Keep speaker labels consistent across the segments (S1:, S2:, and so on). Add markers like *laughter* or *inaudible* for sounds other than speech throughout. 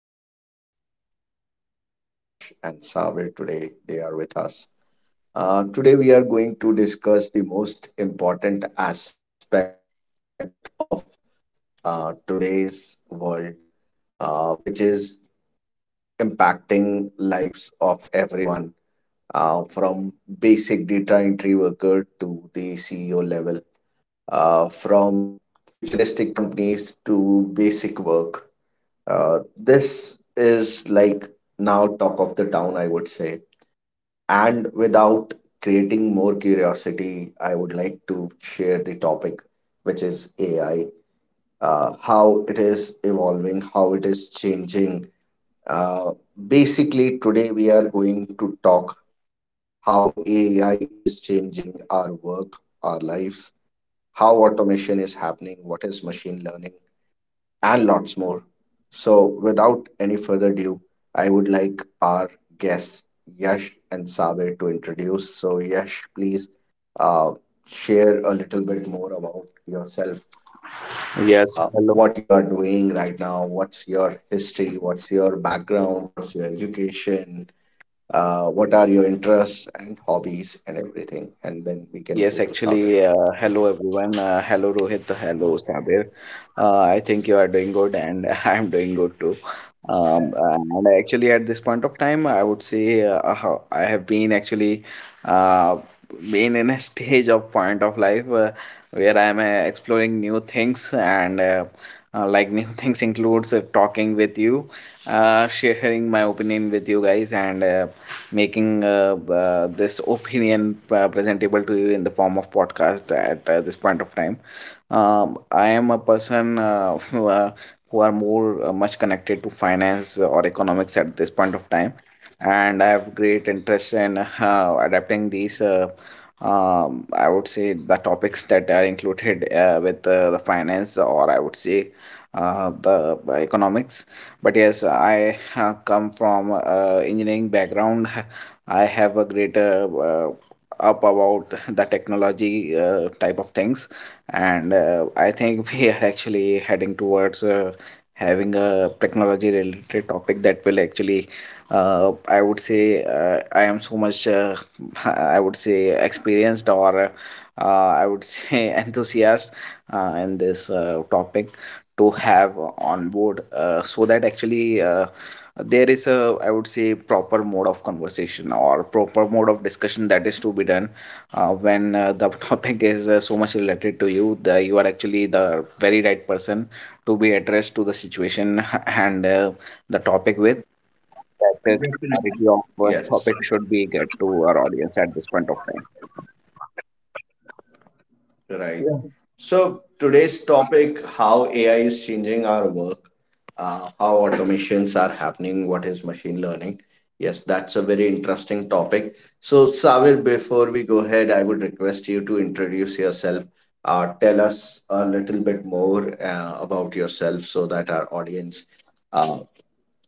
S1: And Our most prestigious and esteemed guests, Yash and Savir, today they are with us. Today, we are going to discuss the most important aspect of today's world, which is impacting lives of everyone, from basic data entry worker to the CEO level, from futuristic companies to basic work. This is like now talk of the town, I would say. Creating more curiosity, I would like to share the topic, which is AI, how it is evolving, how it is changing. Uh, Basically, today we are going to talk how AI is changing our work, our lives, how automation is happening, what is machine learning, and lots more. So, without any further ado, I would like our guests, Yash and Sabe, to introduce. So, Yash, please uh, share a little bit more about yourself, what
S2: Yes,
S1: you are
S2: hello.
S1: doing right now, what's your history, what's your background, what's your education, what are your interests and hobbies, and everything. And then we can go to Sabir.
S2: Hello everyone. Hello Rohit. Hello Sabir. I think you are doing good, and *laughs* I'm doing good too. And actually, at this point of time, I would say I have been actually uh, been in a *laughs* stage of point of life where I'm exploring new things, and like new *laughs* things includes talking with you, sharing my opinion with you guys, and making this *laughs* opinion presentable to you in the form of podcast at this point of time. I am a person *laughs* who are more much connected to finance or economics at this point of time, and I have great interest in *laughs* adapting these. I would say the topics that are included with the finance, or I would say the economics. But yes, I come from engineering background. I have a greater up about *laughs* the technology type of things, and I think *laughs* we are actually heading towards having a technology related topic that will actually, I am so much, *laughs* I would say, experienced or I would say *laughs* enthusiast in this topic to have on board so that actually there is a I would say proper mode of conversation or proper mode of discussion that is to be done when the *laughs* topic is so much related to you the, you are actually the very right person to be addressed to the situation *laughs* and the topic with that clarity of
S1: Yes.
S2: topic should be get to our audience at this point of time.
S1: Right.
S3: Yeah.
S1: So today's topic, how AI is changing our work, how automations are happening, what is machine learning. Yes, that's a very interesting topic. So Savir, before we go ahead, I would request you to introduce yourself. Tell us a little bit more about yourself so that our audience uh,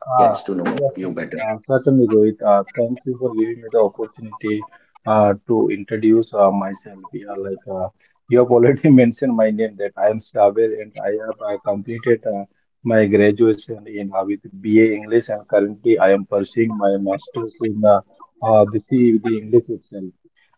S3: uh,
S1: gets to know
S3: Yes, sir.
S1: you better.
S3: Certainly, Rohit. Thank you for giving me the opportunity to introduce myself. Yeah, like you have already *laughs* mentioned my name, that I am Saber, and I have completed my graduation in with BA English, and currently I am pursuing my master's in C with the English itself.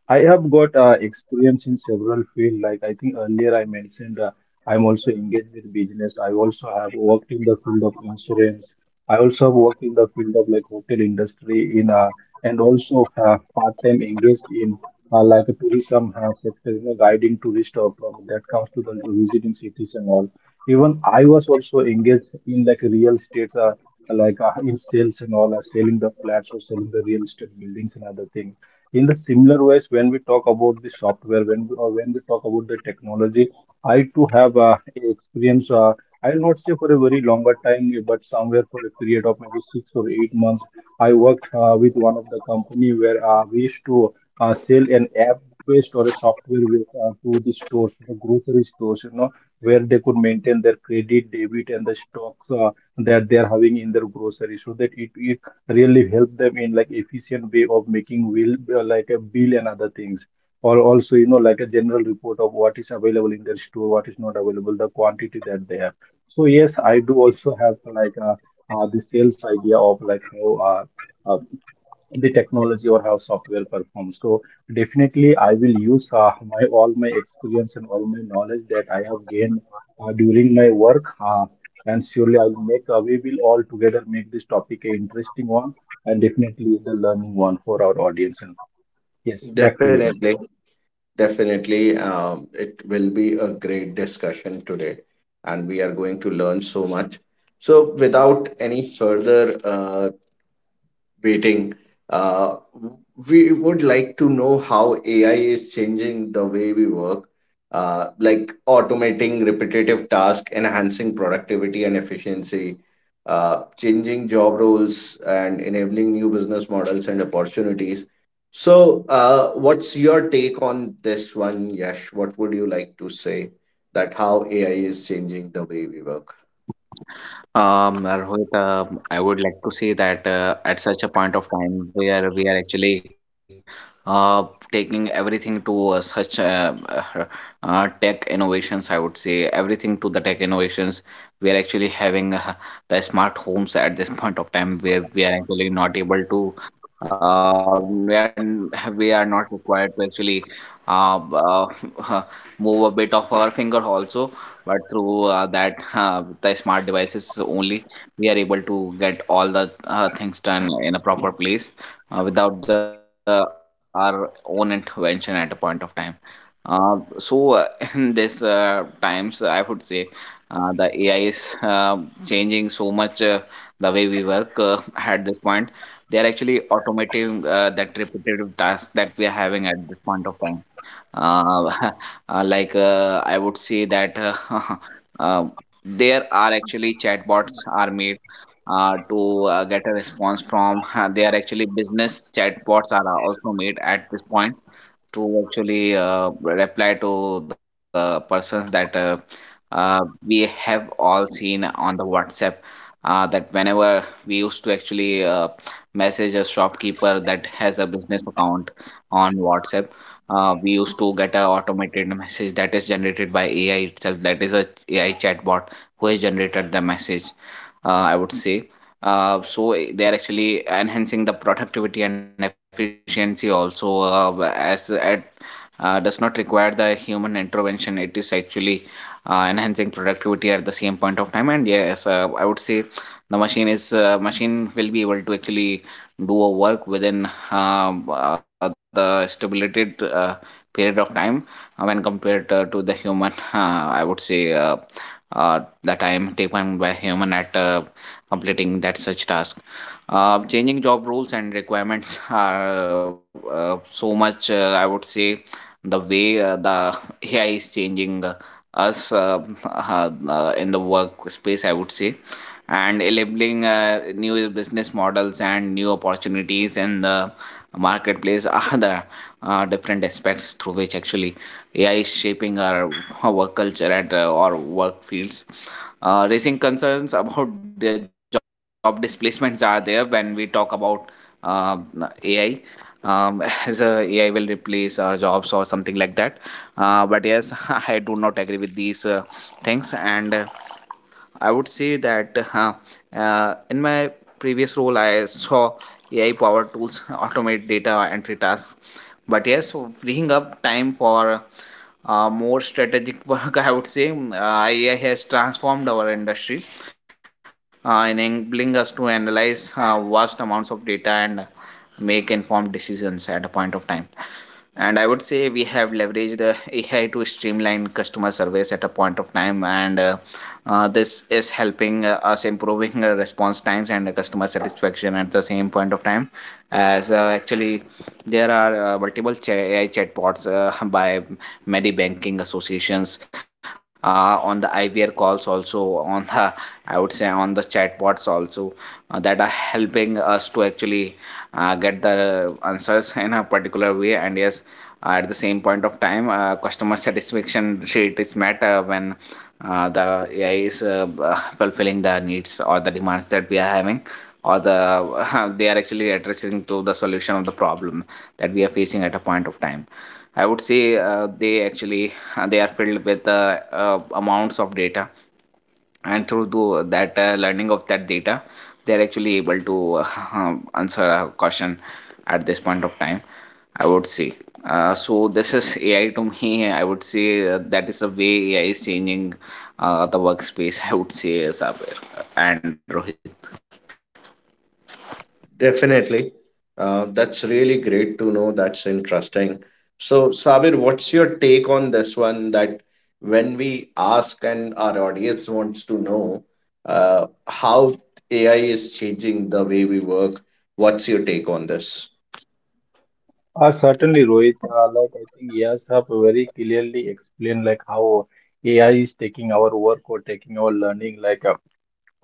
S3: I have got experience in several fields. Like I think earlier I mentioned, I'm also engaged with business. I also have worked in the field of insurance. I also have worked in the field of like hotel industry in and also part-time engaged in like a tourism sector, you know, guiding tourists of, that comes to the visiting cities and all. Even I was also engaged in like real estate, in sales and all, selling the flats or selling the real estate buildings and other things. In the similar ways, when we talk about the software, or when we talk about the technology, I too have experience. I will not say for a very longer time, but somewhere for a period of maybe six or eight months, I worked with one of the company, where we used to sell an app-based or a software with, to the stores, the grocery stores, you know, where they could maintain their credit, debit, and the stocks that they are having in their grocery, so that it really help them in like efficient way of making will like a bill and other things, or also, you know, like a general report of what is available in their store, what is not available, the quantity that they have. So yes, I do also have like the sales idea of like how uh, the technology or how software performs. So definitely, I will use my all my experience and all my knowledge that I have gained during my work, and surely I will make. We will all together make this topic a interesting one, and definitely the learning one for our audience. And yes, back to you, Rohit.
S1: Definitely. Definitely, it will be a great discussion today, and we are going to learn so much. So, without any further waiting. Uh, we would like to know how AI is changing the way we work, like automating repetitive tasks, enhancing productivity and efficiency, changing job roles, and enabling new business models and opportunities. So, what's your take on this one, Yash? What would you like to say that how AI is changing the way we work?
S2: Rohit, I would like to say that at such a point of time where we are actually uh, taking everything to such tech innovations, I would say everything to the tech innovations. We are actually having the smart homes at this *laughs* point of time where we are actually not able to, uh, we are, n- we are not required to actually uh, uh, *laughs* move a bit of our finger also, but through that the smart devices only we are able to get all the things done in a proper place without the our own intervention at a point of time. uh, so uh, *laughs* in this times I would say the AI is changing so much the way we work, *laughs* at this point. They are actually automating that repetitive task that we are having at this point of time. uh, *laughs* I would say that *laughs* uh, there are actually chatbots are made to get a response from *laughs* they are actually business chatbots are also made at this point to actually reply to the persons that uh, we have all seen on the WhatsApp. That whenever we used to actually message a shopkeeper that has a business account on WhatsApp, we used to get an automated message that is generated by AI itself. That is a AI chatbot who has generated the message. I would say. So they are actually enhancing the productivity and efficiency also as at does not require the human intervention. It is actually enhancing productivity at the same point of time. And yes, I would say the machine is machine will be able to actually do a work within the stipulated period of time when compared to the human. *laughs* I would say. The time taken by human at completing that such task. Changing job roles and requirements are so much I would say the way the AI is changing us in the workspace, I would say, and enabling new business models and new opportunities in the marketplace *laughs* are the different aspects through which actually AI is shaping our work culture and our work fields. Raising concerns about the job displacements are there when we talk about uh, AI, *laughs* as AI will replace our jobs or something like that. But yes, *laughs* I do not agree with these things. And I would say that in my previous role, I saw AI powered tools automate data entry tasks. But yes, freeing up time for more strategic *laughs* work, I would say, AI has transformed our industry, enabling us to analyze vast amounts of data and make informed decisions at a point of time. And I would say we have leveraged the AI to streamline customer service at a point of time, and this is helping us improving response times and customer satisfaction at the same point of time. As actually, there are multiple AI chatbots by banking associations on the IVR calls, also on the I would say on the chatbots also that are helping us to actually get the answers in a particular way. And yes, at the same point of time customer satisfaction rate is met when the AI is fulfilling the needs or the demands that we are having or the *laughs* they are actually addressing to the solution of the problem that we are facing at a point of time. I would say they actually *laughs* they are filled with amounts of data, and through that learning of that data, they are actually able to *laughs* answer a question at this point of time. I would say. So this is AI to me. I would say that is the way AI is changing the workspace. *laughs* I would say Sabir and Rohit.
S1: Definitely. That's really great to know. That's interesting. So, Sabir, what's your take on this one that when we ask and our audience wants to know how AI is changing the way we work, what's your take on this?
S3: Certainly, Rohit. Like I think yes, have very clearly explained like how AI is taking our work or taking our learning, like.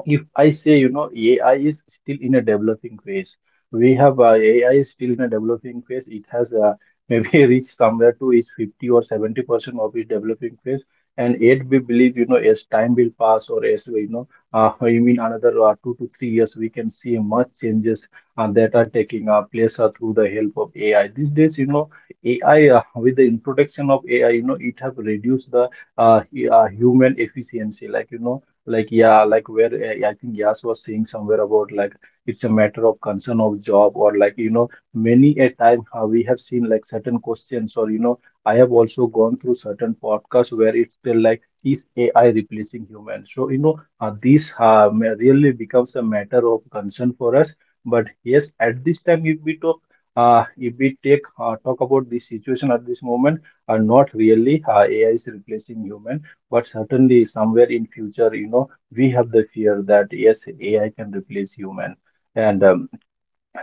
S3: If I say, you know, AI is still in a developing phase, we have AI is still in a developing phase. It has maybe *laughs* reached somewhere to its 50 or 70% of its developing phase. And yet we believe, you know, as time will pass, or as, you know, *laughs* you mean another two to three years, we can see much changes that are taking place through the help of AI. These days, you know, AI, with the introduction of AI, you know, it have reduced the human efficiency. Like, you know, like, yeah, like where I think Yas was saying somewhere about like it's a matter of concern of job, or like, you know, many a time how we have seen like certain questions, or, you know, I have also gone through certain podcasts where it's still like, is AI replacing humans? So, you know, really becomes a matter of concern for us. But yes, at this time, if we talk, if we take talk about this situation at this moment, are not really AI is replacing human, but certainly somewhere in future, you know, we have the fear that yes, AI can replace human. And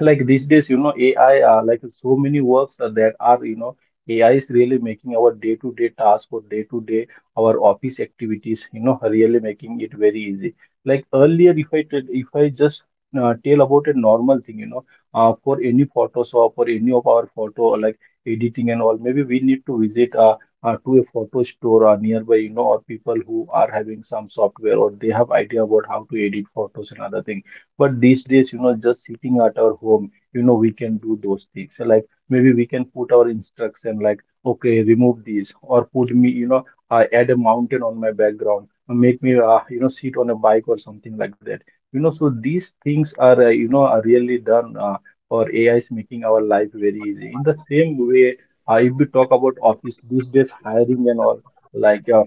S3: Like these days, you know, AI uh, like so many works are that are, you know, AI is really making our day-to-day task or day-to-day our office activities, you know, really making it very easy. Like earlier, if I just tell about a normal thing, you know, for any Photoshop or any of our photo like editing and all, maybe we need to visit to a photo store nearby, you know, or people who are having some software, or they have idea about how to edit photos and other things. But these days, you know, just sitting at our home, you know, we can do those things. So, like maybe we can put our instruction like, okay, remove these, or put me, you know, add a mountain on my background, or make me, you know, sit on a bike or something like that. You know, so these things are, you know, are really done, or AI is making our life very easy. In the same way, if we talk about office these days, hiring and all, like uh,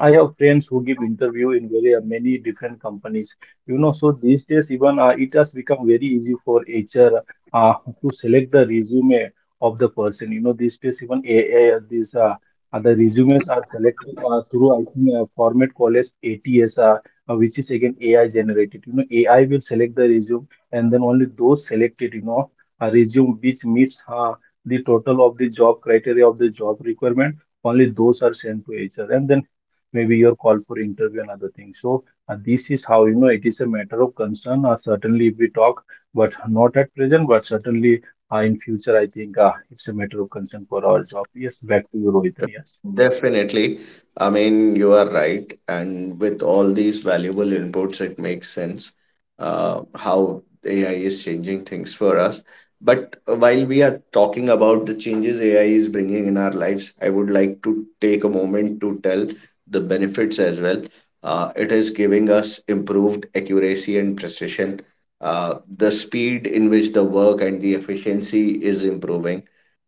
S3: I have friends who give interview in very many different companies. You know, so these days, even it has become very easy for HR uh, to select the resume of the person. You know, these days, even these other resumes are selected through I think a format called as ATS, which is again AI generated. You know, AI will select the resume, and then only those selected, you know, a resume which meets the total of the job criteria, of the job requirement, only those are sent to HR. And then maybe your call for interview and other things. So this is how, you know, it is a matter of concern. Certainly, if we talk, but not at present, but certainly in future, I think it's a matter of concern for our job. Yes, back to you, Rohit. Yes.
S1: Definitely. I mean, you are right. And with all these valuable inputs, it makes sense how AI is changing things for us. But while we are talking about the changes AI is bringing in our lives, I would like to take a moment to tell the benefits as well. It is giving us improved accuracy and precision. The speed in which the work and the efficiency is improving.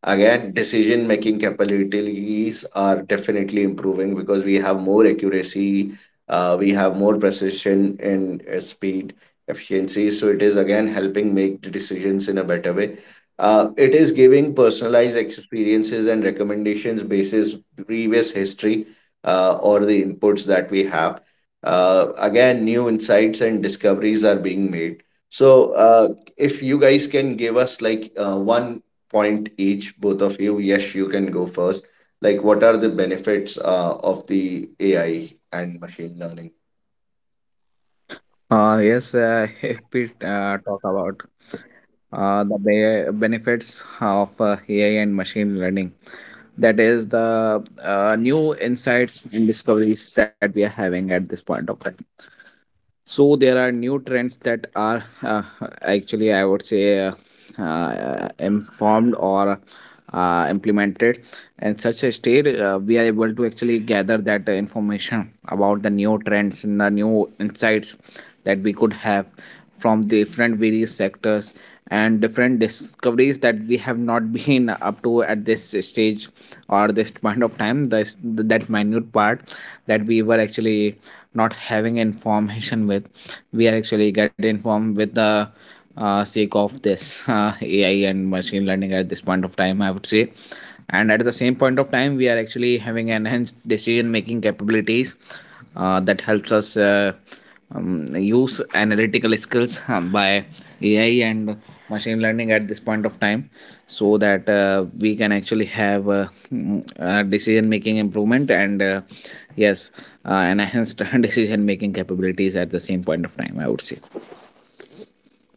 S1: Again, decision making capabilities are definitely improving because we have more accuracy, we have more precision and speed efficiency. So it is again helping make the decisions in a better way. It is giving personalized experiences and recommendations basis previous history, or the inputs that we have. Again, new insights and discoveries are being made. So if you guys can give us like one point each, both of you. Yes, you can go first. Like, what are the benefits of the AI and machine learning?
S2: Yes, *laughs* if we talk about the benefits of AI and machine learning. That is the new insights and discoveries that we are having at this point of time. So there are new trends that are actually, I would say, informed or implemented in such a state. We are able to actually gather that information about the new trends and the new insights that we could have from different various sectors and different discoveries that we have not *laughs* been up to at this stage or this point of time, that minute part that we were actually not having information with. We are actually get informed with the sake of this AI and machine learning at this point of time, I would say. And at the same point of time, we are actually having enhanced decision making capabilities that helps us use analytical skills *laughs* by AI and machine learning at this point of time so that we can actually have decision making improvement and yes, enhanced *laughs* decision making capabilities at the same point of time, I would say.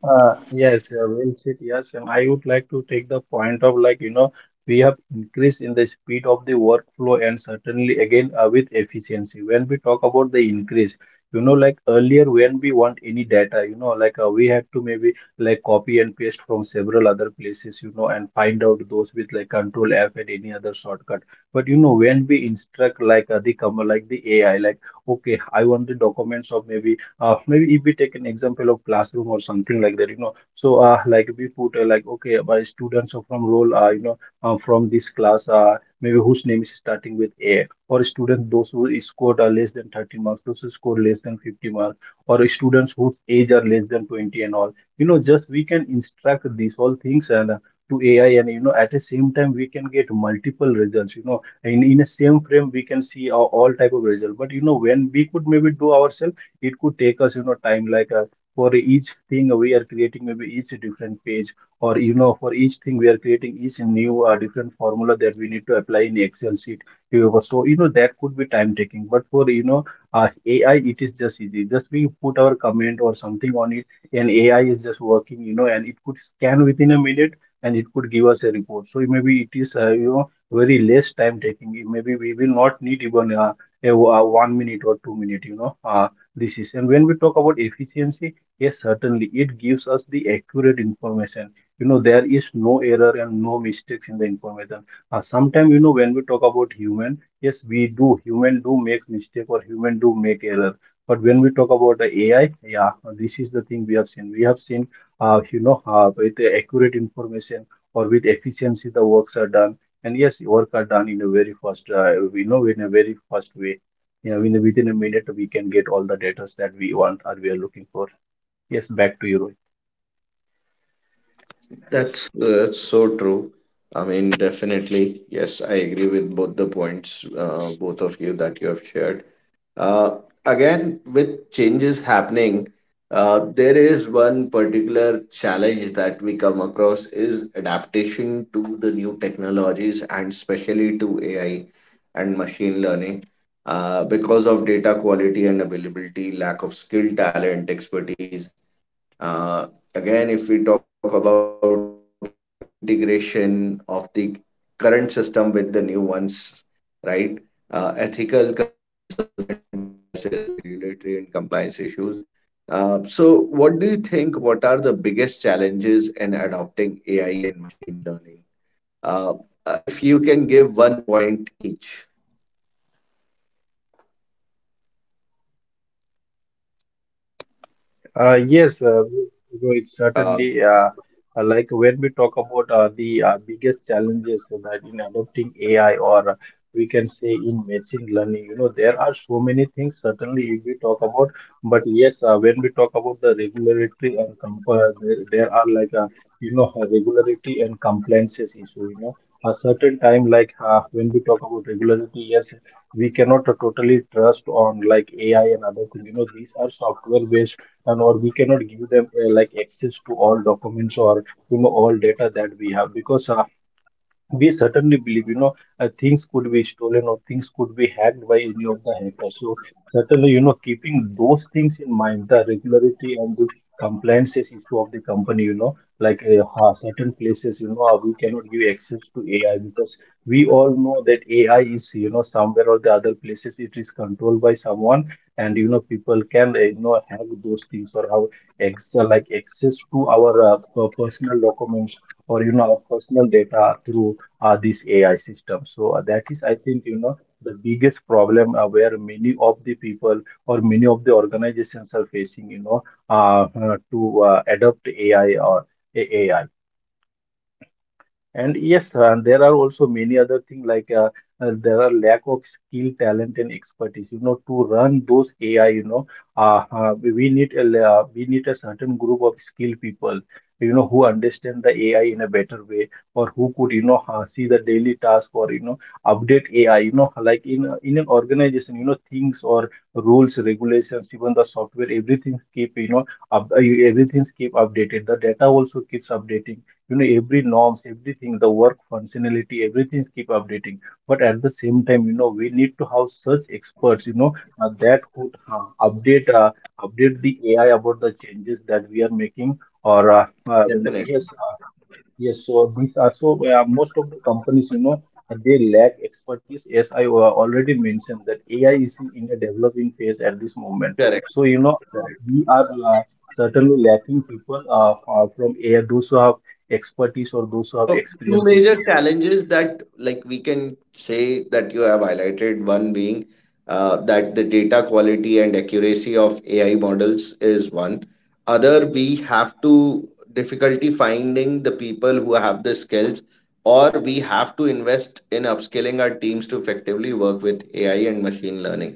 S3: Yes, well said. Yes, and I would like to take the point of like, you know, we have increased in the speed of the workflow, and certainly again with efficiency. When we talk about the increase, you know, like earlier when we want any data, you know, like we had to maybe like copy and paste from several other places, you know, and find out those with like Control F and any other shortcut. But you know, when we instruct like the AI, like okay, I want the documents of maybe maybe if we take an example of classroom or something like that, you know. So like we put like okay, by students are from role you know, from this class maybe whose name is starting with A, or student those who scored less than 30 marks, those who scored less than 50 marks, or students whose age are less than 20 and all. You know, just we can instruct these all things, and to AI, and you know, at the same time, we can get multiple results. You know, in a same frame, we can see all type of result. But you know, when we could maybe do ourselves, it could take us, you know, time, for each thing we are creating, maybe each different page, or you know, for each thing we are creating each new different formula that we need to apply in excel sheet. You know, so you know, that could be time taking. But for you know, uh, AI, it is just easy, just we put our comment or something on it, and AI is just working, you know, and it could scan within a minute, and it could give us a report. So maybe it is, you know, very less time taking. Maybe we will not need even one minute or two minute, you know. Uh, this is. And when we talk about efficiency, yes, certainly it gives us the accurate information. You know, there is no error and no mistakes in the information. Sometimes, you know, when we talk about human, yes, we do. Human do make mistake, or human do make error. But when we talk about the AI, yeah, this is the thing we have seen. We have seen, you know, with the accurate information or with efficiency, the works are done. And yes, work are done in a very fast, we know in a very fast way. Yeah, in within a minute, we can get all the data that we want or we are looking for. Yes, back to you, Rohit.
S1: That's so true. I mean, definitely, yes, I agree with both the points, both of you that you have shared. Uh, Again, with changes happening, there is one particular challenge that we come across is adaptation to the new technologies and especially to AI and machine learning. Because of data quality and availability, lack of skill, talent, expertise, uh, again, if we talk about integration of the current system with the new ones, right? Ethical concerns and biases, regulatory and compliance issues. So, what do you think? What are the biggest challenges in adopting AI and machine learning? Uh, if you can give one point each,
S3: Uh, yes, uh, so it's certainly
S1: uh,
S3: uh, uh, like when we talk about the biggest challenges that in adopting AI or we can say in machine learning, you know, there are so many things certainly if we talk about, but yes, when we talk about the regulatory and compare, there are you know regularity and compliances issue, you know, a certain time when we talk about regularity, yes, we cannot totally trust on like AI and other things, you know, these are software based and or we cannot give them like access to all documents or you know all data that we have because we certainly believe, you know, things could be stolen or things could be hacked by any of the hackers. So certainly, you know, keeping those things in mind, the regularity and the compliances issue of the company, you know, certain places, you know, we cannot give access to AI because we all know that AI is, you know, somewhere or the other places it is controlled by someone, and you know, people can, you know, have those things or have ex like access to our personal documents or you know our personal data through this AI system. So that is, I think, you know, the biggest problem where many of the people or many of the organizations are facing, you know, to adopt AI. And yes, there are also many other things like there are lack of skill, talent, and expertise. You know, to run those AI, you know, we need we need a certain group of skilled people, you know, who understand the AI in a better way, or who could, you know, see the daily task, or you know, update AI. You know, like in an organization, you know, things or rules, regulations, even the software, everything keep, you know, up, uh, everything's keep updated. The data also keeps updating, you know, every norms, everything, the work functionality, everything keep updating, but at the same time, you know, we need to have such experts, you know, that could update the AI about the changes that we are making or well,
S1: Definitely.
S3: yes yes, so these are so most of the companies, you know, they lack expertise. As I already mentioned, that AI is in a developing phase at this moment.
S1: Correct.
S3: So, you know,
S1: Correct.
S3: we are certainly lacking people from AI, those who have expertise or those who have
S1: So two
S3: experience in
S1: major
S3: AI.
S1: challenges that like we can say that you have highlighted, one being that the data quality and accuracy of AI models is one. Other, we have to difficulty finding the people who have the skills, or we have to invest in upskilling our teams to effectively work with AI and machine learning.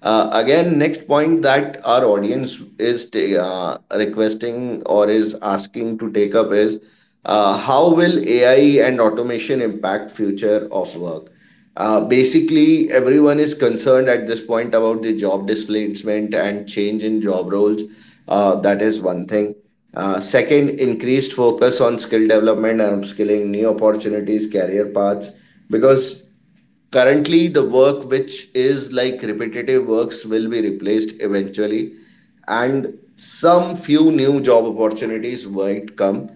S1: Again, next point that our audience is requesting or is asking to take up is how will AI and automation impact future of work? Basically, everyone is concerned at this point about the job displacement and change in job roles. That is one thing. Second, increased focus on skill development and upskilling, new opportunities, career paths, because currently the work which is like repetitive works will be replaced eventually, and some few new job opportunities might come,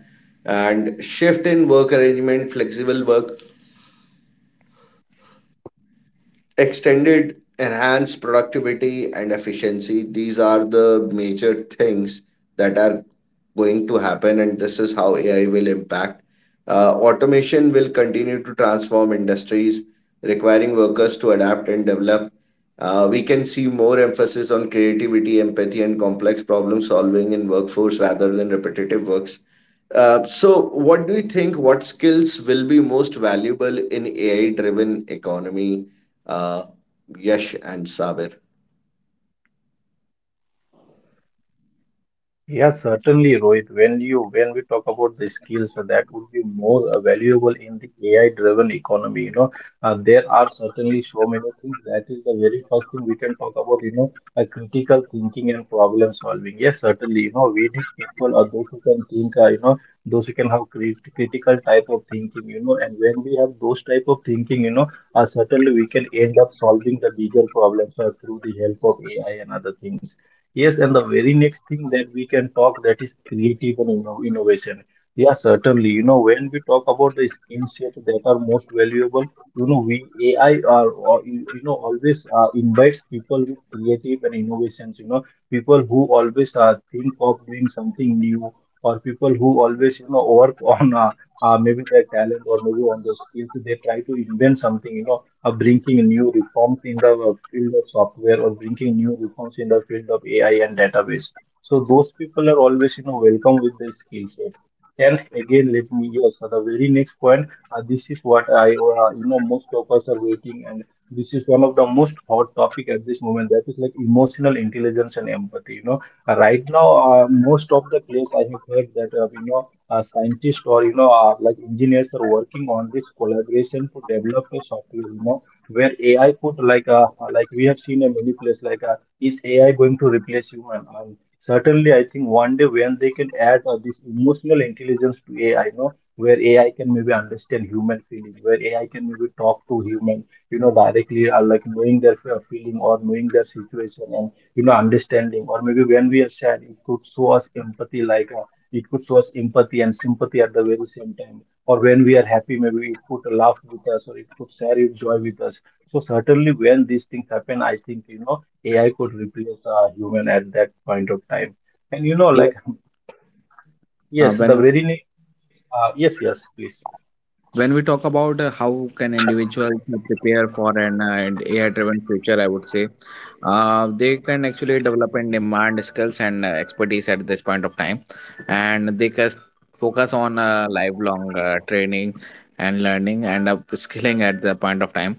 S1: and shift in work arrangement, flexible work, extended enhanced productivity and efficiency. These are the major things that are going to happen, and this is how AI will impact. Automation will continue to transform industries, requiring workers to adapt and develop. We can see more emphasis on creativity, empathy, and complex problem solving in workforce rather than repetitive works. So, what do you think? What skills will be most valuable in AI-driven economy? Uh, Yash and Sabir.
S3: Yeah, certainly, Rohit. When we talk about the skills, that would be more valuable in the AI-driven economy. You know, there are certainly so many things. That is the very first thing we can talk about. You know, critical thinking and problem solving. Yes, certainly. You know, we need people or those who can think. You know, those who can have critical type of thinking. You know, and when we have those type of thinking, you know, certainly we can end up solving the bigger problems through the help of AI and other things. Yes, and the very next thing that we can talk that is creative and innovation. Yeah, certainly. You know, when we talk about the skill set that are most valuable, you know, we AI are or, you know always invites people with creative and innovations. You know, people who always think of doing something new, or people who always you know work *laughs* on maybe their talent or maybe on their skills. They try to invent something. You know, bringing new reforms in the field of software or bringing new reforms in the field of AI and database. So those people are always, you know, welcome with their skill set. And again, let me yes, the very next point. This is what I, you know, most of us are waiting, and this is one of the most hot topic at this moment. That is like emotional intelligence and empathy. You know, right now, most of the place I have heard that you know, scientists or you know, like engineers are working on this collaboration to develop a software. You know, where AI could like we have seen in many places is AI going to replace human? Certainly, I think one day when they can add this emotional intelligence to AI, you know, where AI can maybe understand human feeling, where AI can maybe talk to human, you know, directly like knowing their feeling or knowing their situation and you know understanding, or maybe when we are sad, it could show us empathy like. It could show us empathy and sympathy at the very same time, or when we are happy, maybe it could laugh with us or it could share its joy with us. So certainly when these things happen, I think, you know, AI could replace a human at that point of time. And you know,
S2: Yeah.
S3: like, *laughs*
S2: uh,
S3: yes,
S2: when
S3: the
S2: we
S3: yes, yes, please.
S2: when we talk about how can individuals prepare for an AI-driven future, I would say they can actually develop and demand skills and expertise at this point of time, and they can focus on lifelong training and learning and upskilling at the point of time.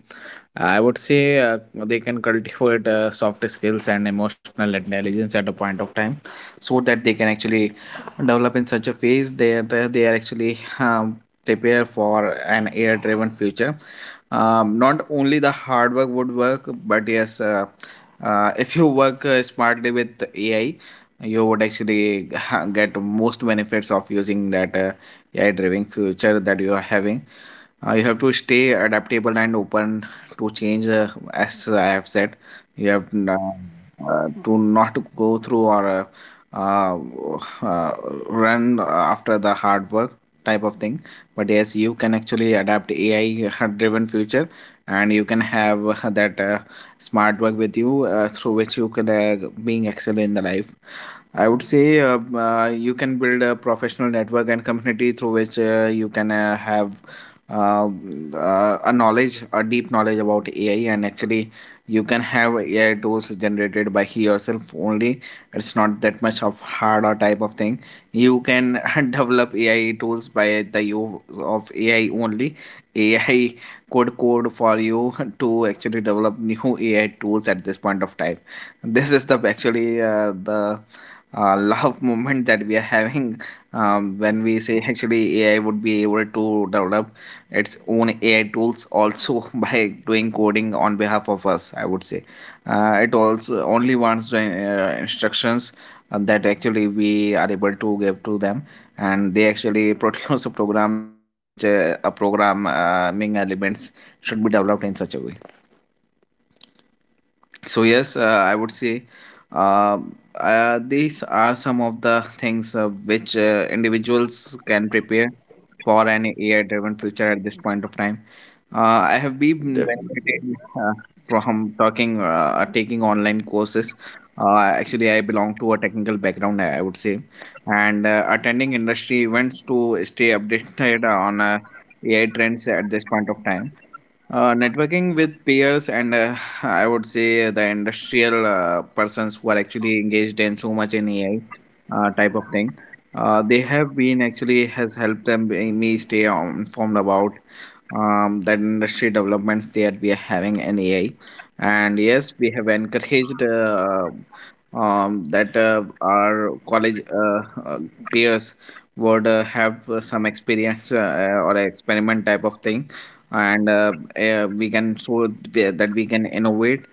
S2: I would say they can cultivate soft skills and emotional intelligence at a point of time, so that they can actually develop in such a phase that they are actually prepare for an air driven future. Not only the hard work would work, but yes, *laughs* if you work smartly with AI, you would actually *laughs* get most benefits of using that AI driven future that you are having. You have to stay adaptable and open to change, as I have said. you have n- uh, to not go through or uh, uh, run after the hard work type of thing, but yes, you can actually adapt AI driven future, and you can have that smart work with you through which you can being excellent in the life, I would say. You can build a professional network and community through which you can have uh, a knowledge, a deep knowledge about AI, and actually you can have AI tools generated by he yourself only. It's not that much of hard or type of thing. You can *laughs* develop AI tools by the use of AI only. AI could code for you *laughs* to actually develop new AI tools at this point of time. This is the love *laughs* moment that we are having when we say actually AI would be able to develop its own AI tools also *laughs* by doing coding on behalf of us. I would say it also only wants the instructions that actually we are able to give to them, and they actually *laughs* produce a program through which a programming elements should be developed in such a way. So yes, I would say um, these are some of the things which individuals can prepare for an AI driven future at this point of time. I have been benefited
S1: Def-
S2: from talking taking online courses. Actually I belong to a technical background, I would say, and attending industry events to stay updated on AI trends at this point of time. Networking with peers and *laughs* I would say the industrial persons who are actually engaged in so much in AI type of thing. They have been actually has helped them be- me stay on informed about that industry developments that we are having in AI. And yes, we have encouraged that our college peers would have some experience or experiment type of thing, and we can that we can innovate.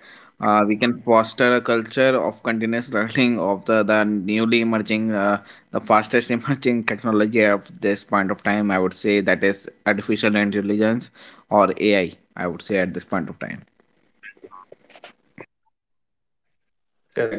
S2: We can foster a culture of continuous *laughs* learning of the newly emerging the fastest *laughs* emerging technology of this point of time, I would say, that is artificial intelligence or AI, I would say, at this point of time.
S1: Correct.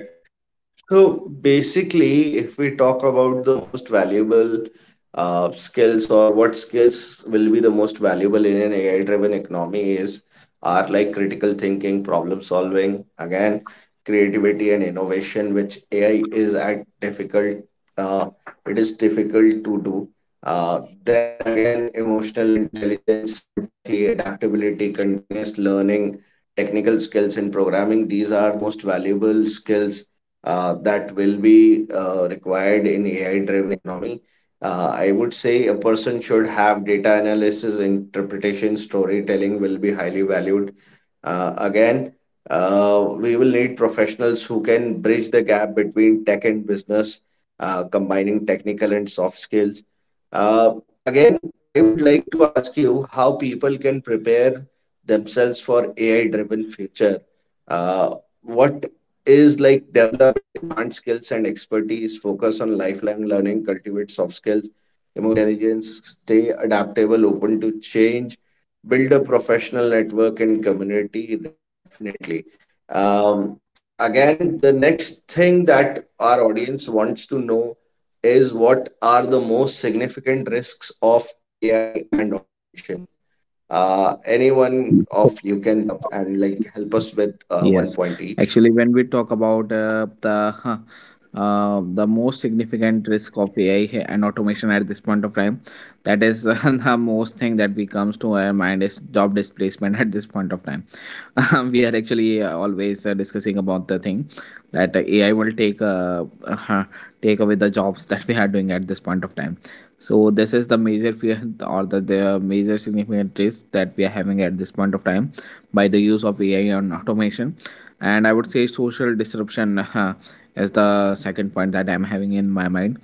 S1: So basically, if we talk about the most valuable skills, or what skills will be the most valuable in an AI-driven economy, is are like critical thinking, problem solving, again, creativity and innovation, which AI is at difficult, uh, it is difficult to do. Then again, emotional intelligence, empathy, adaptability, continuous learning, technical skills in programming, these are the most valuable skills that will be required in AI-driven economy. I would say a person should have data analysis, interpretation, storytelling will be highly valued. Again, we will need professionals who can bridge the gap between tech and business, combining technical and soft skills. Again, I would like to ask you how people can prepare themselves for AI-driven future. Uh, what is like develop in demand skills and expertise, focus on learning, cultivate soft skills, emotional intelligence, stay adaptable, open to change, build a professional network and community, definitely. Um, Again, the next thing that our audience wants to know is what are the most significant risks of AI and automation? Anyone of you can pick up and like help us with one
S2: Yes,
S1: point each.
S2: actually, when we talk about the huh, the most significant risk of AI and automation at this point of time, that is *laughs* the most thing that we comes to our mind is job displacement *laughs* at this point of time. *laughs* We are actually always discussing about the thing that AI will take *laughs* uh, take away the jobs that we are doing at this point of time. So this is the major fear *laughs* or the major significant risk that we are having at this point of time by the use of AI and automation. And I would say social disruption *laughs* is the second point that I'm having in my mind.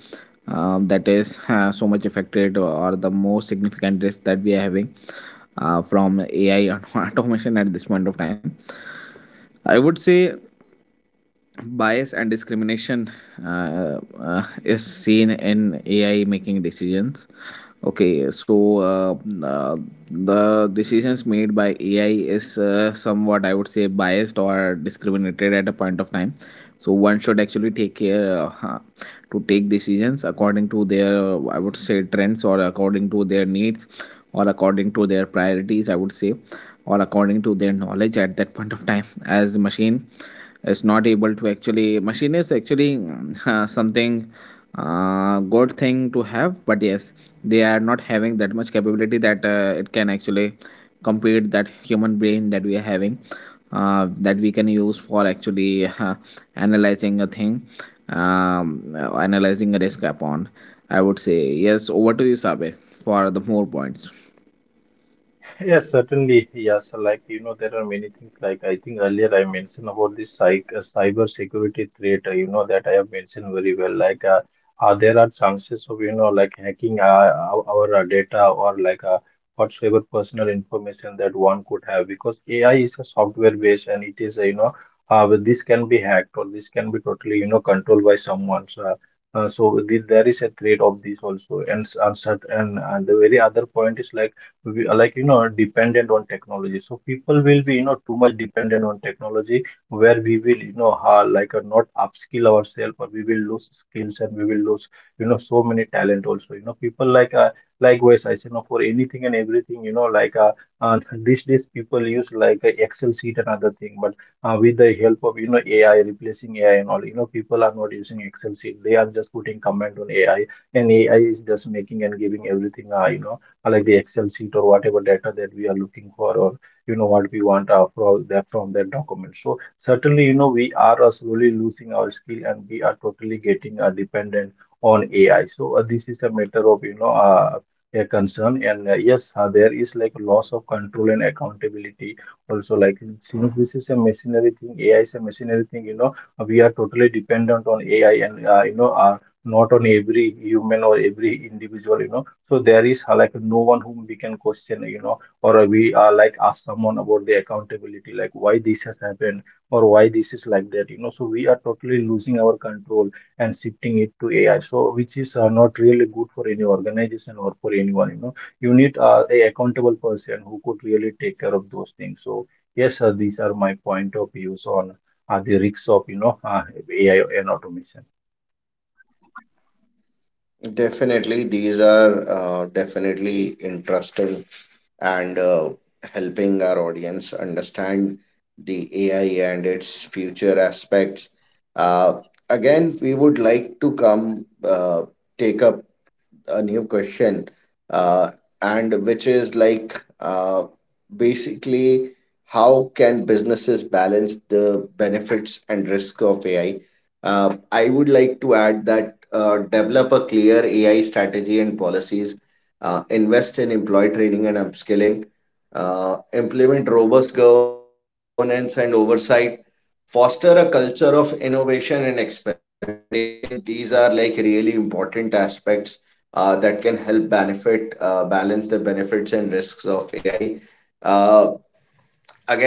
S2: That is *laughs* so much affected or the most significant risk that we are having from AI and *laughs* automation at this point of time. I would say bias and discrimination uh, is seen in AI making decisions. Okay, so uh, the decisions made by AI is somewhat, I would say, biased or discriminated at a point of time. So one should actually take care to take decisions according to their, I would say, trends, or according to their needs, or according to their priorities, I would say, or according to their knowledge at that point of time. As the machine is not able to actually, machine is actually *laughs* something good thing to have, but yes, they are not having that much capability that it can actually compete that human brain that we are having that we can use for actually analyzing a thing, analyzing a risk upon, I would say. Yes, over to you, Sabir, for the more points.
S3: *laughs* Yes, certainly. Yes, like you know, there are many things. Like I think earlier I mentioned about this cyc cyber security threat. You know that I have mentioned very well. There are chances of you know like hacking our data or whatsoever personal information that one could have because AI is a software based and it is you know but this can be hacked or this can be totally you know controlled by someone. So there is a threat of this also, and and the very other point is like we are like you know dependent on technology, so people will be you know too much dependent on technology, where we will you know ha like not upskill ourselves or we will lose skills and we will lose you know so many talent also. You know people likewise I say, you know, for anything and everything, you know, uh these days people use Excel sheet and other thing, but with the help of you know AI replacing AI and all, you know, people are not using Excel sheet. They are just putting comment on AI, and AI is just making and giving everything, you know, like the Excel sheet or whatever data that we are looking for, or you know what we want from that document. So certainly, you know, we are slowly losing our skill, and we are totally getting dependent on AI. So this is a matter of you know a concern, and yes, there is like loss of control and accountability also. Like since this is a machinery thing, AI is a machinery thing. You know, we are totally dependent on AI, and you know, not on every human or every individual. You know, so there is like no one whom we can question, you know, or we are like ask someone about the accountability, like why this has happened or why this is like that, you know. So we are totally losing our control and shifting it to AI. So which is not really good for any organization or for anyone, you know. You need a accountable person who could really take care of those things. So yes, these are my point of views on the risks of you know AI and automation.
S1: Definitely, these are definitely interesting, and helping our audience understand the AI and its future aspects. Uh, Again, we would like to come take up a new question, uh, and which is like basically how can businesses balance the benefits and risk of AI? I would like to add that develop a clear AI strategy and policies, invest in employee training and upskilling, implement robust governance and oversight, foster a culture of innovation and experimentation. These are like really important aspects that can help benefit balance the benefits and risks of AI. Uh,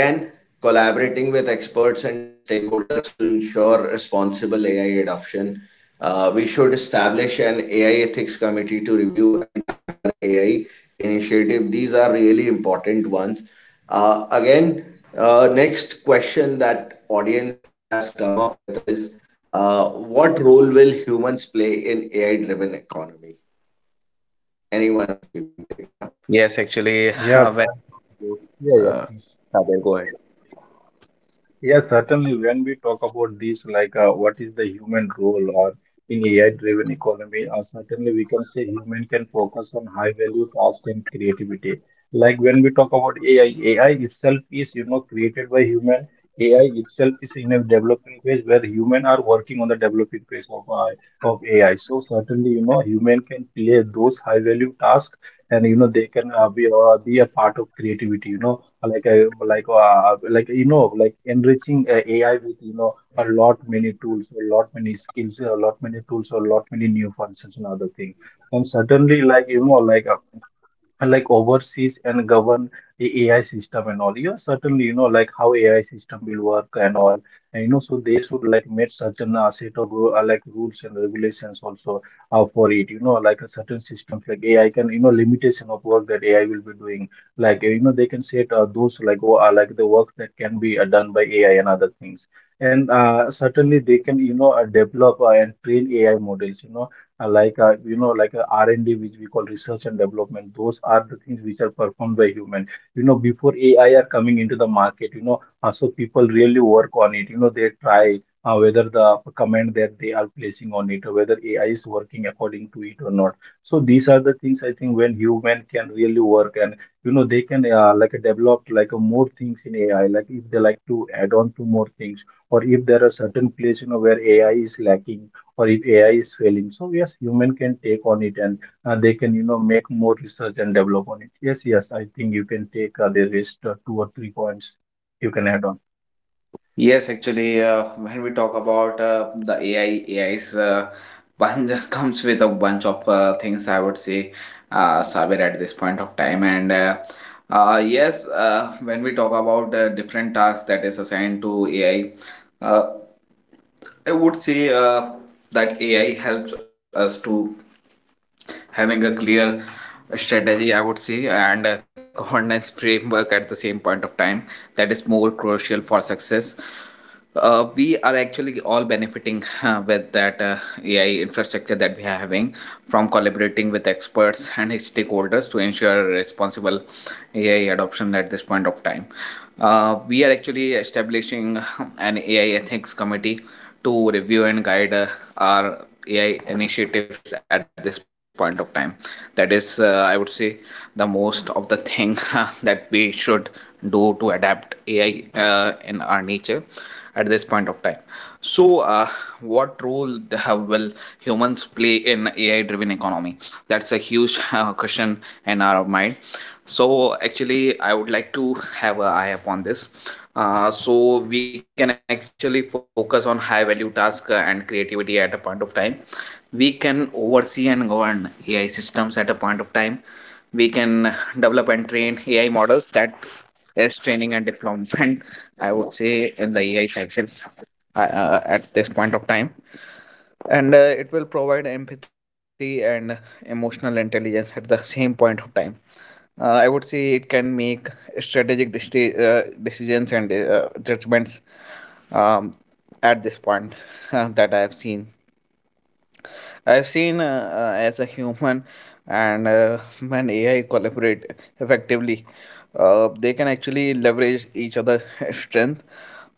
S1: Again, collaborating with experts and stakeholders to ensure responsible AI adoption. We should establish an AI ethics committee to review and guide our AI initiative. These are really important ones. Again, next question that audience has come up with is what role will humans play in AI driven economy? Any one of you can take it up.
S2: Yes, actually,
S3: Yeah,
S2: uh,
S3: sir.
S2: when you,
S3: Yeah, yes,
S2: uh,
S3: please.
S2: Saber, go ahead.
S3: Yes, certainly. When we talk about this, what is the human role or in AI-driven economy, certainly we can say human can focus on high-value tasks and creativity. Like when we talk about AI, AI itself is, you know, created by human. AI itself is in a developing phase where human are working on the developing phase of AI. So certainly, you know, human can play those high-value tasks and, you know, they can be a part of creativity, you know, like you know like enriching AI with you know a lot many tools, a lot many skills, a lot many tools, a lot many new functions and other thing. And suddenly, like you know, like overseas and govern the AI system and all. Yeah, certainly, you know, like how AI system will work and all. And you know, so they should like make certain like rules and regulations also for it. You know, like a certain systems like AI can, you know, limitation of work that AI will be doing. You know, they can set those like the work that can be done by AI and other things. And certainly they can, you know, develop and train AI models. You know like you know like R&D, which we call research and development, those are the things which are performed by human before AI are coming into the market. So people really work on it. They try whether the command that they are placing on it or whether AI is working according to it or not. So these are the things, I think, when human can really work. And they can like develop like more things in AI, like if they like to add on to more things, or if there are certain place where AI is lacking, or if AI is failing. So yes, human can take on it and they can, make more research and develop on it. Yes, yes, I think you can take the rest 2 or 3 points you can add on.
S2: Yes, actually, when we talk about the AI's bunch *laughs* comes with a bunch of things, I would say, Sabir, at this point of time. And yes, when we talk about different tasks that is assigned to AI, uh, I would say that AI helps us to having a clear strategy, I would say, and a governance framework at the same point of time, that is more crucial for success. We are actually all benefiting with that AI infrastructure that we are having from collaborating with experts and stakeholders to ensure responsible AI adoption at this point of time. We are actually establishing *laughs* an AI ethics committee to review and guide our AI initiatives at this point of time. That is, I would say, the most of the thing *laughs* that we should do to adapt AI in our nature at this point of time. So, how will humans play in AI-driven economy? That's a huge question in our mind. So actually, I would like to *laughs* have an eye upon this. So we can actually focus on high value task and creativity at a point of time. We can oversee and govern AI systems at a point of time. We can develop and train AI models, that is training and deployment, I would say, in the AI cycle at this point of time. And it will provide empathy and emotional intelligence at the same point of time. I would say it can make strategic decisions and judgments um, at this point *laughs* that I have seen. I've seen as a human, and when AI collaborate effectively, they can actually leverage each other's *laughs* strength.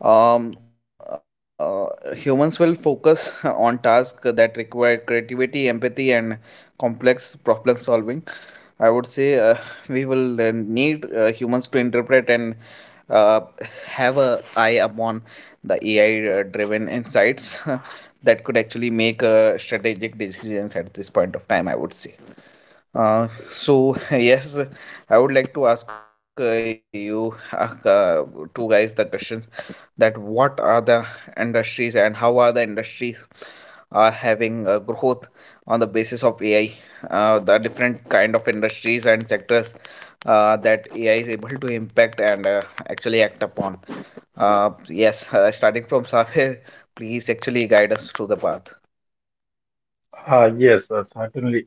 S2: um, uh, Humans will focus *laughs* on tasks that require creativity, empathy, and complex problem solving. I would say *laughs* we will need humans to interpret and uh, have a eye upon the AI-driven insights *laughs* that could actually make strategic decisions at this point of time, I would say. So *laughs* yes, I would like to ask you two guys the questions that what are the industries and how are the industries are having growth on the basis of AI, the different kind of industries and sectors that AI is able to impact and actually act upon. Yes, starting from Safir, please actually guide us through the path.
S3: Yes, certainly.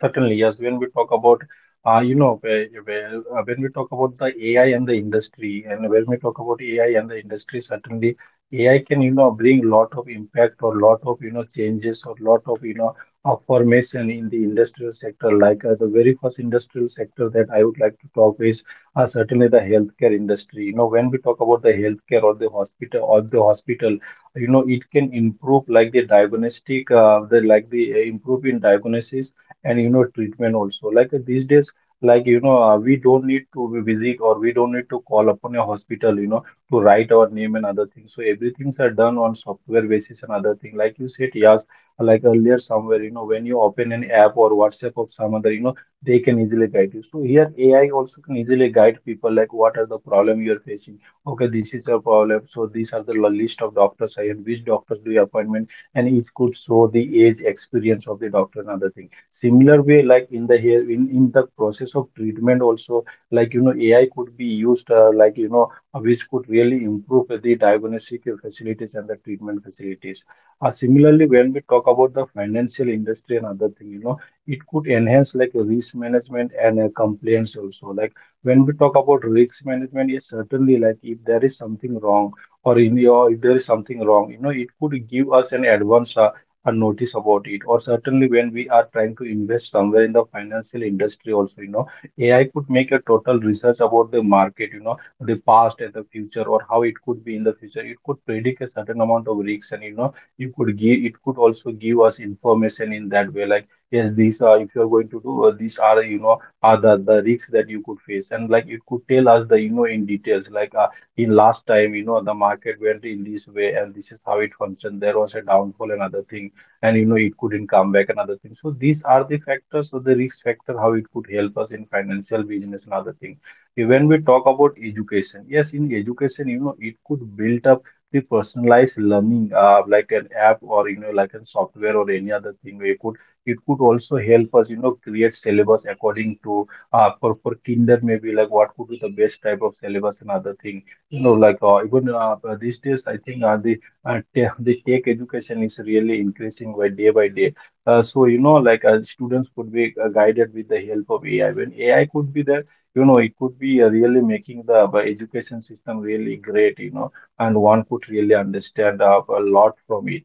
S3: Certainly, yes. When we talk about, when we talk about the AI and the industry, and when we talk about AI and the industry, certainly AI can, bring lot of impact, or lot of, changes, or lot of, formation in the industrial sector. The very first industrial sector that I would like to talk is certainly the healthcare industry. You know, when we talk about the healthcare or the hospital, it can improve like the diagnostic, the like the improve in diagnosis and treatment also. These days, we don't need to be busy, or we don't need to call upon a hospital, to write our name and other things. So everything's are done on software basis and other thing. Like you said, yes, like earlier somewhere, when you open an app or WhatsApp of some other, they can easily guide you. So here AI also can easily guide people, like what are the problem you are facing. Okay, this is your problem, so these are the list of doctors I had. Which doctors do you appointment, and each could show the age, experience of the doctor and other thing. Similar way, like in the hair, in the process of treatment also, AI could be used, which could really improve the diagnostic facilities and the treatment facilities. Similarly, when we talk about the financial industry and other thing, it could enhance like risk management and compliance also. Like when we talk about risk management, yes, certainly, like if there is something wrong or in your, if there is something wrong, it could give us an advance a notice about it. Or certainly, when we are trying to invest somewhere in the financial industry also, AI could make a total research about the market. The past and the future, or how it could be in the future, it could predict a certain amount of risks. And you could give, it could also give us information in that way. Like, yes, these are, if you are going to do these are, are the risks that you could face. And like, it could tell us the, in details, in last time, the market went in this way, and this is how it functioned. There was a downfall and other things, and it couldn't come back and other things. So these are the factors or the risk factor how it could help us in financial business and other things. When we talk about education, yes, in education, it could build up the personalized learning, like an app, or like a software or any other thing. We could It could also help us, create syllabus according to, for kinder, maybe like what could be the best type of syllabus and other thing. You know, like even These days, I think the tech education is really increasing by day by day. Students could be guided with the help of AI. When AI could be there, it could be really making the education system really great. And one could really understand a lot from it.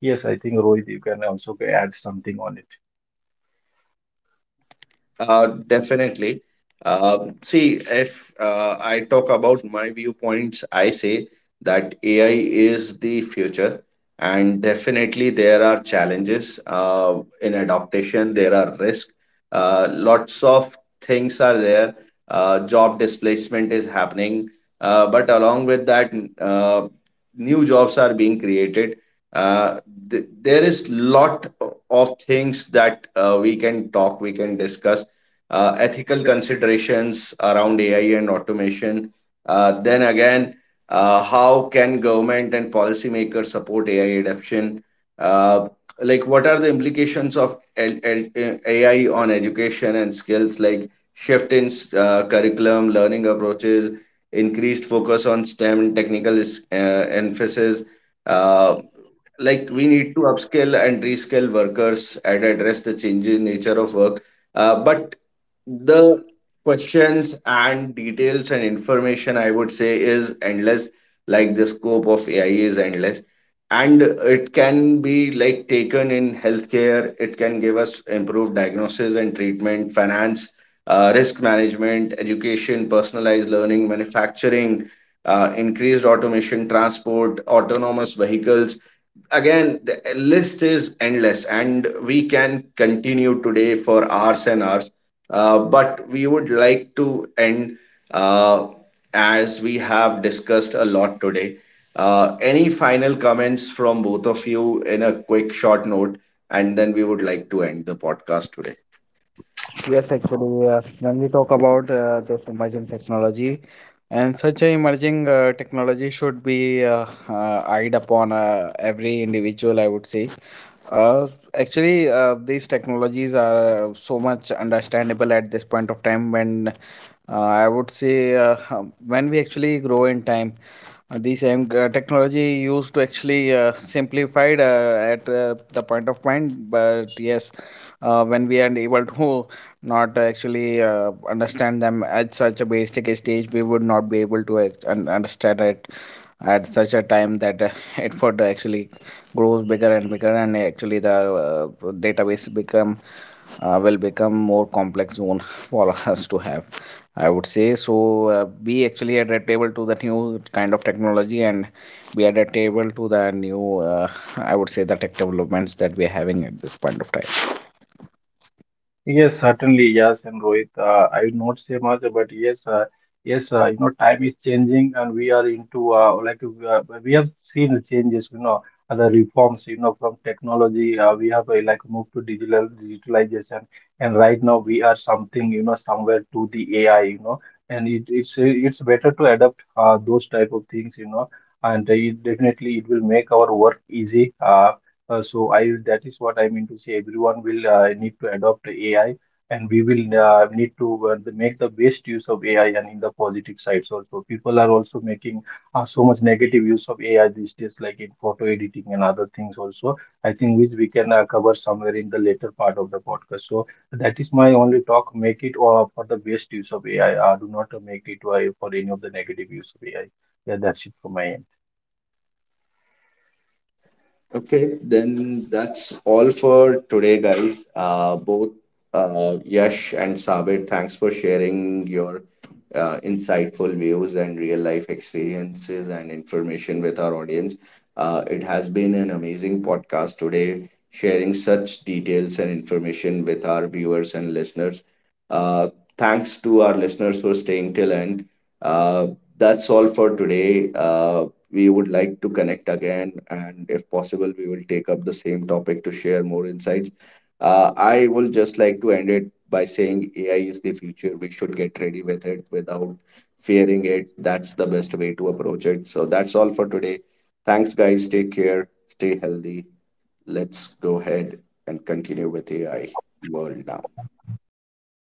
S3: Yes, I think Rohit, you can also add something on it.
S1: Definitely. See, if I talk about my viewpoints, I say that AI is the future, and definitely there are challenges in adaptation, there are risks, lots of things are there, job displacement is happening, but along with new jobs are being created. Uh, there is lot of things that we can talk, we can discuss. Ethical considerations around AI and automation. Then again, how can government and policymakers support AI adoption? Uh, like, what are the implications of AI on education and skills, like shift in curriculum, learning approaches, increased focus on STEM and technical emphasis? uh, like we need to upscale and rescale workers and address the changing nature of work, but the questions and details and information I would say is endless, like the scope of AI is endless, and it can be like taken in healthcare, it can give us improved diagnosis and treatment, finance, risk management, education, personalized learning, manufacturing, increased automation, transport, autonomous vehicles. Again, the list is endless, and we can continue today for hours and hours. But we would like to end, uh, as we have discussed a lot today, any final comments from both of you in a quick short note, and then we would like to end the podcast today.
S2: Yes, actually, when we talk about this emerging technology, and such a emerging technology should be eyed upon every individual, I would say. uh, Actually, these technologies are so much understandable at this point of time when I would say when we actually grow in time, these same technology used to actually simplified at the point of mind. But yes, when we are able to not actually understand them at such a basic stage, we would not be able to understand it at such a time that *laughs* it would actually grows bigger and bigger, and actually the database become will become more complex zone *laughs* for us to have, I would say. So, uh, be actually adaptable to the new kind of technology and be adaptable to the new I would say the tech developments that we're having at this point of time.
S3: Yes, certainly, yes. And Rohit, I would not say much, but yes, time is changing, and we are into we have seen changes, other reforms, from technology. We have like moved to digital digitalization, and right now we are something, somewhere to the AI, and it's better to adapt those type of things, and it definitely it will make our work easy. So I that is what I mean to say. Everyone will need to adopt AI, and we will need to make the best use of AI, and in the positive sides also. People are also making so much negative use of AI these days, like in photo editing and other things also. I think which we can cover somewhere in the later part of the podcast. So that is my only talk. Make it for the best use of AI. Do not make it for any of the negative use of AI. Yeah, that's it from my end.
S1: Okay, then that's all for today guys. Both, Yash and Sabir, thanks for sharing your insightful views and real life experiences and information with our audience. It has been an amazing podcast today, sharing such details and information with our viewers and listeners. Uh, Thanks to our listeners for staying till end. Uh, that's all for today. We would like to connect again, and if possible, we will take up the same topic to share more insights. I will just like to end it by saying AI is the future, we should get ready with it without fearing it. That's the best way to approach it. So that's all for today. Thanks, guys. Take care. Stay healthy. Let's go ahead and continue with AI world now.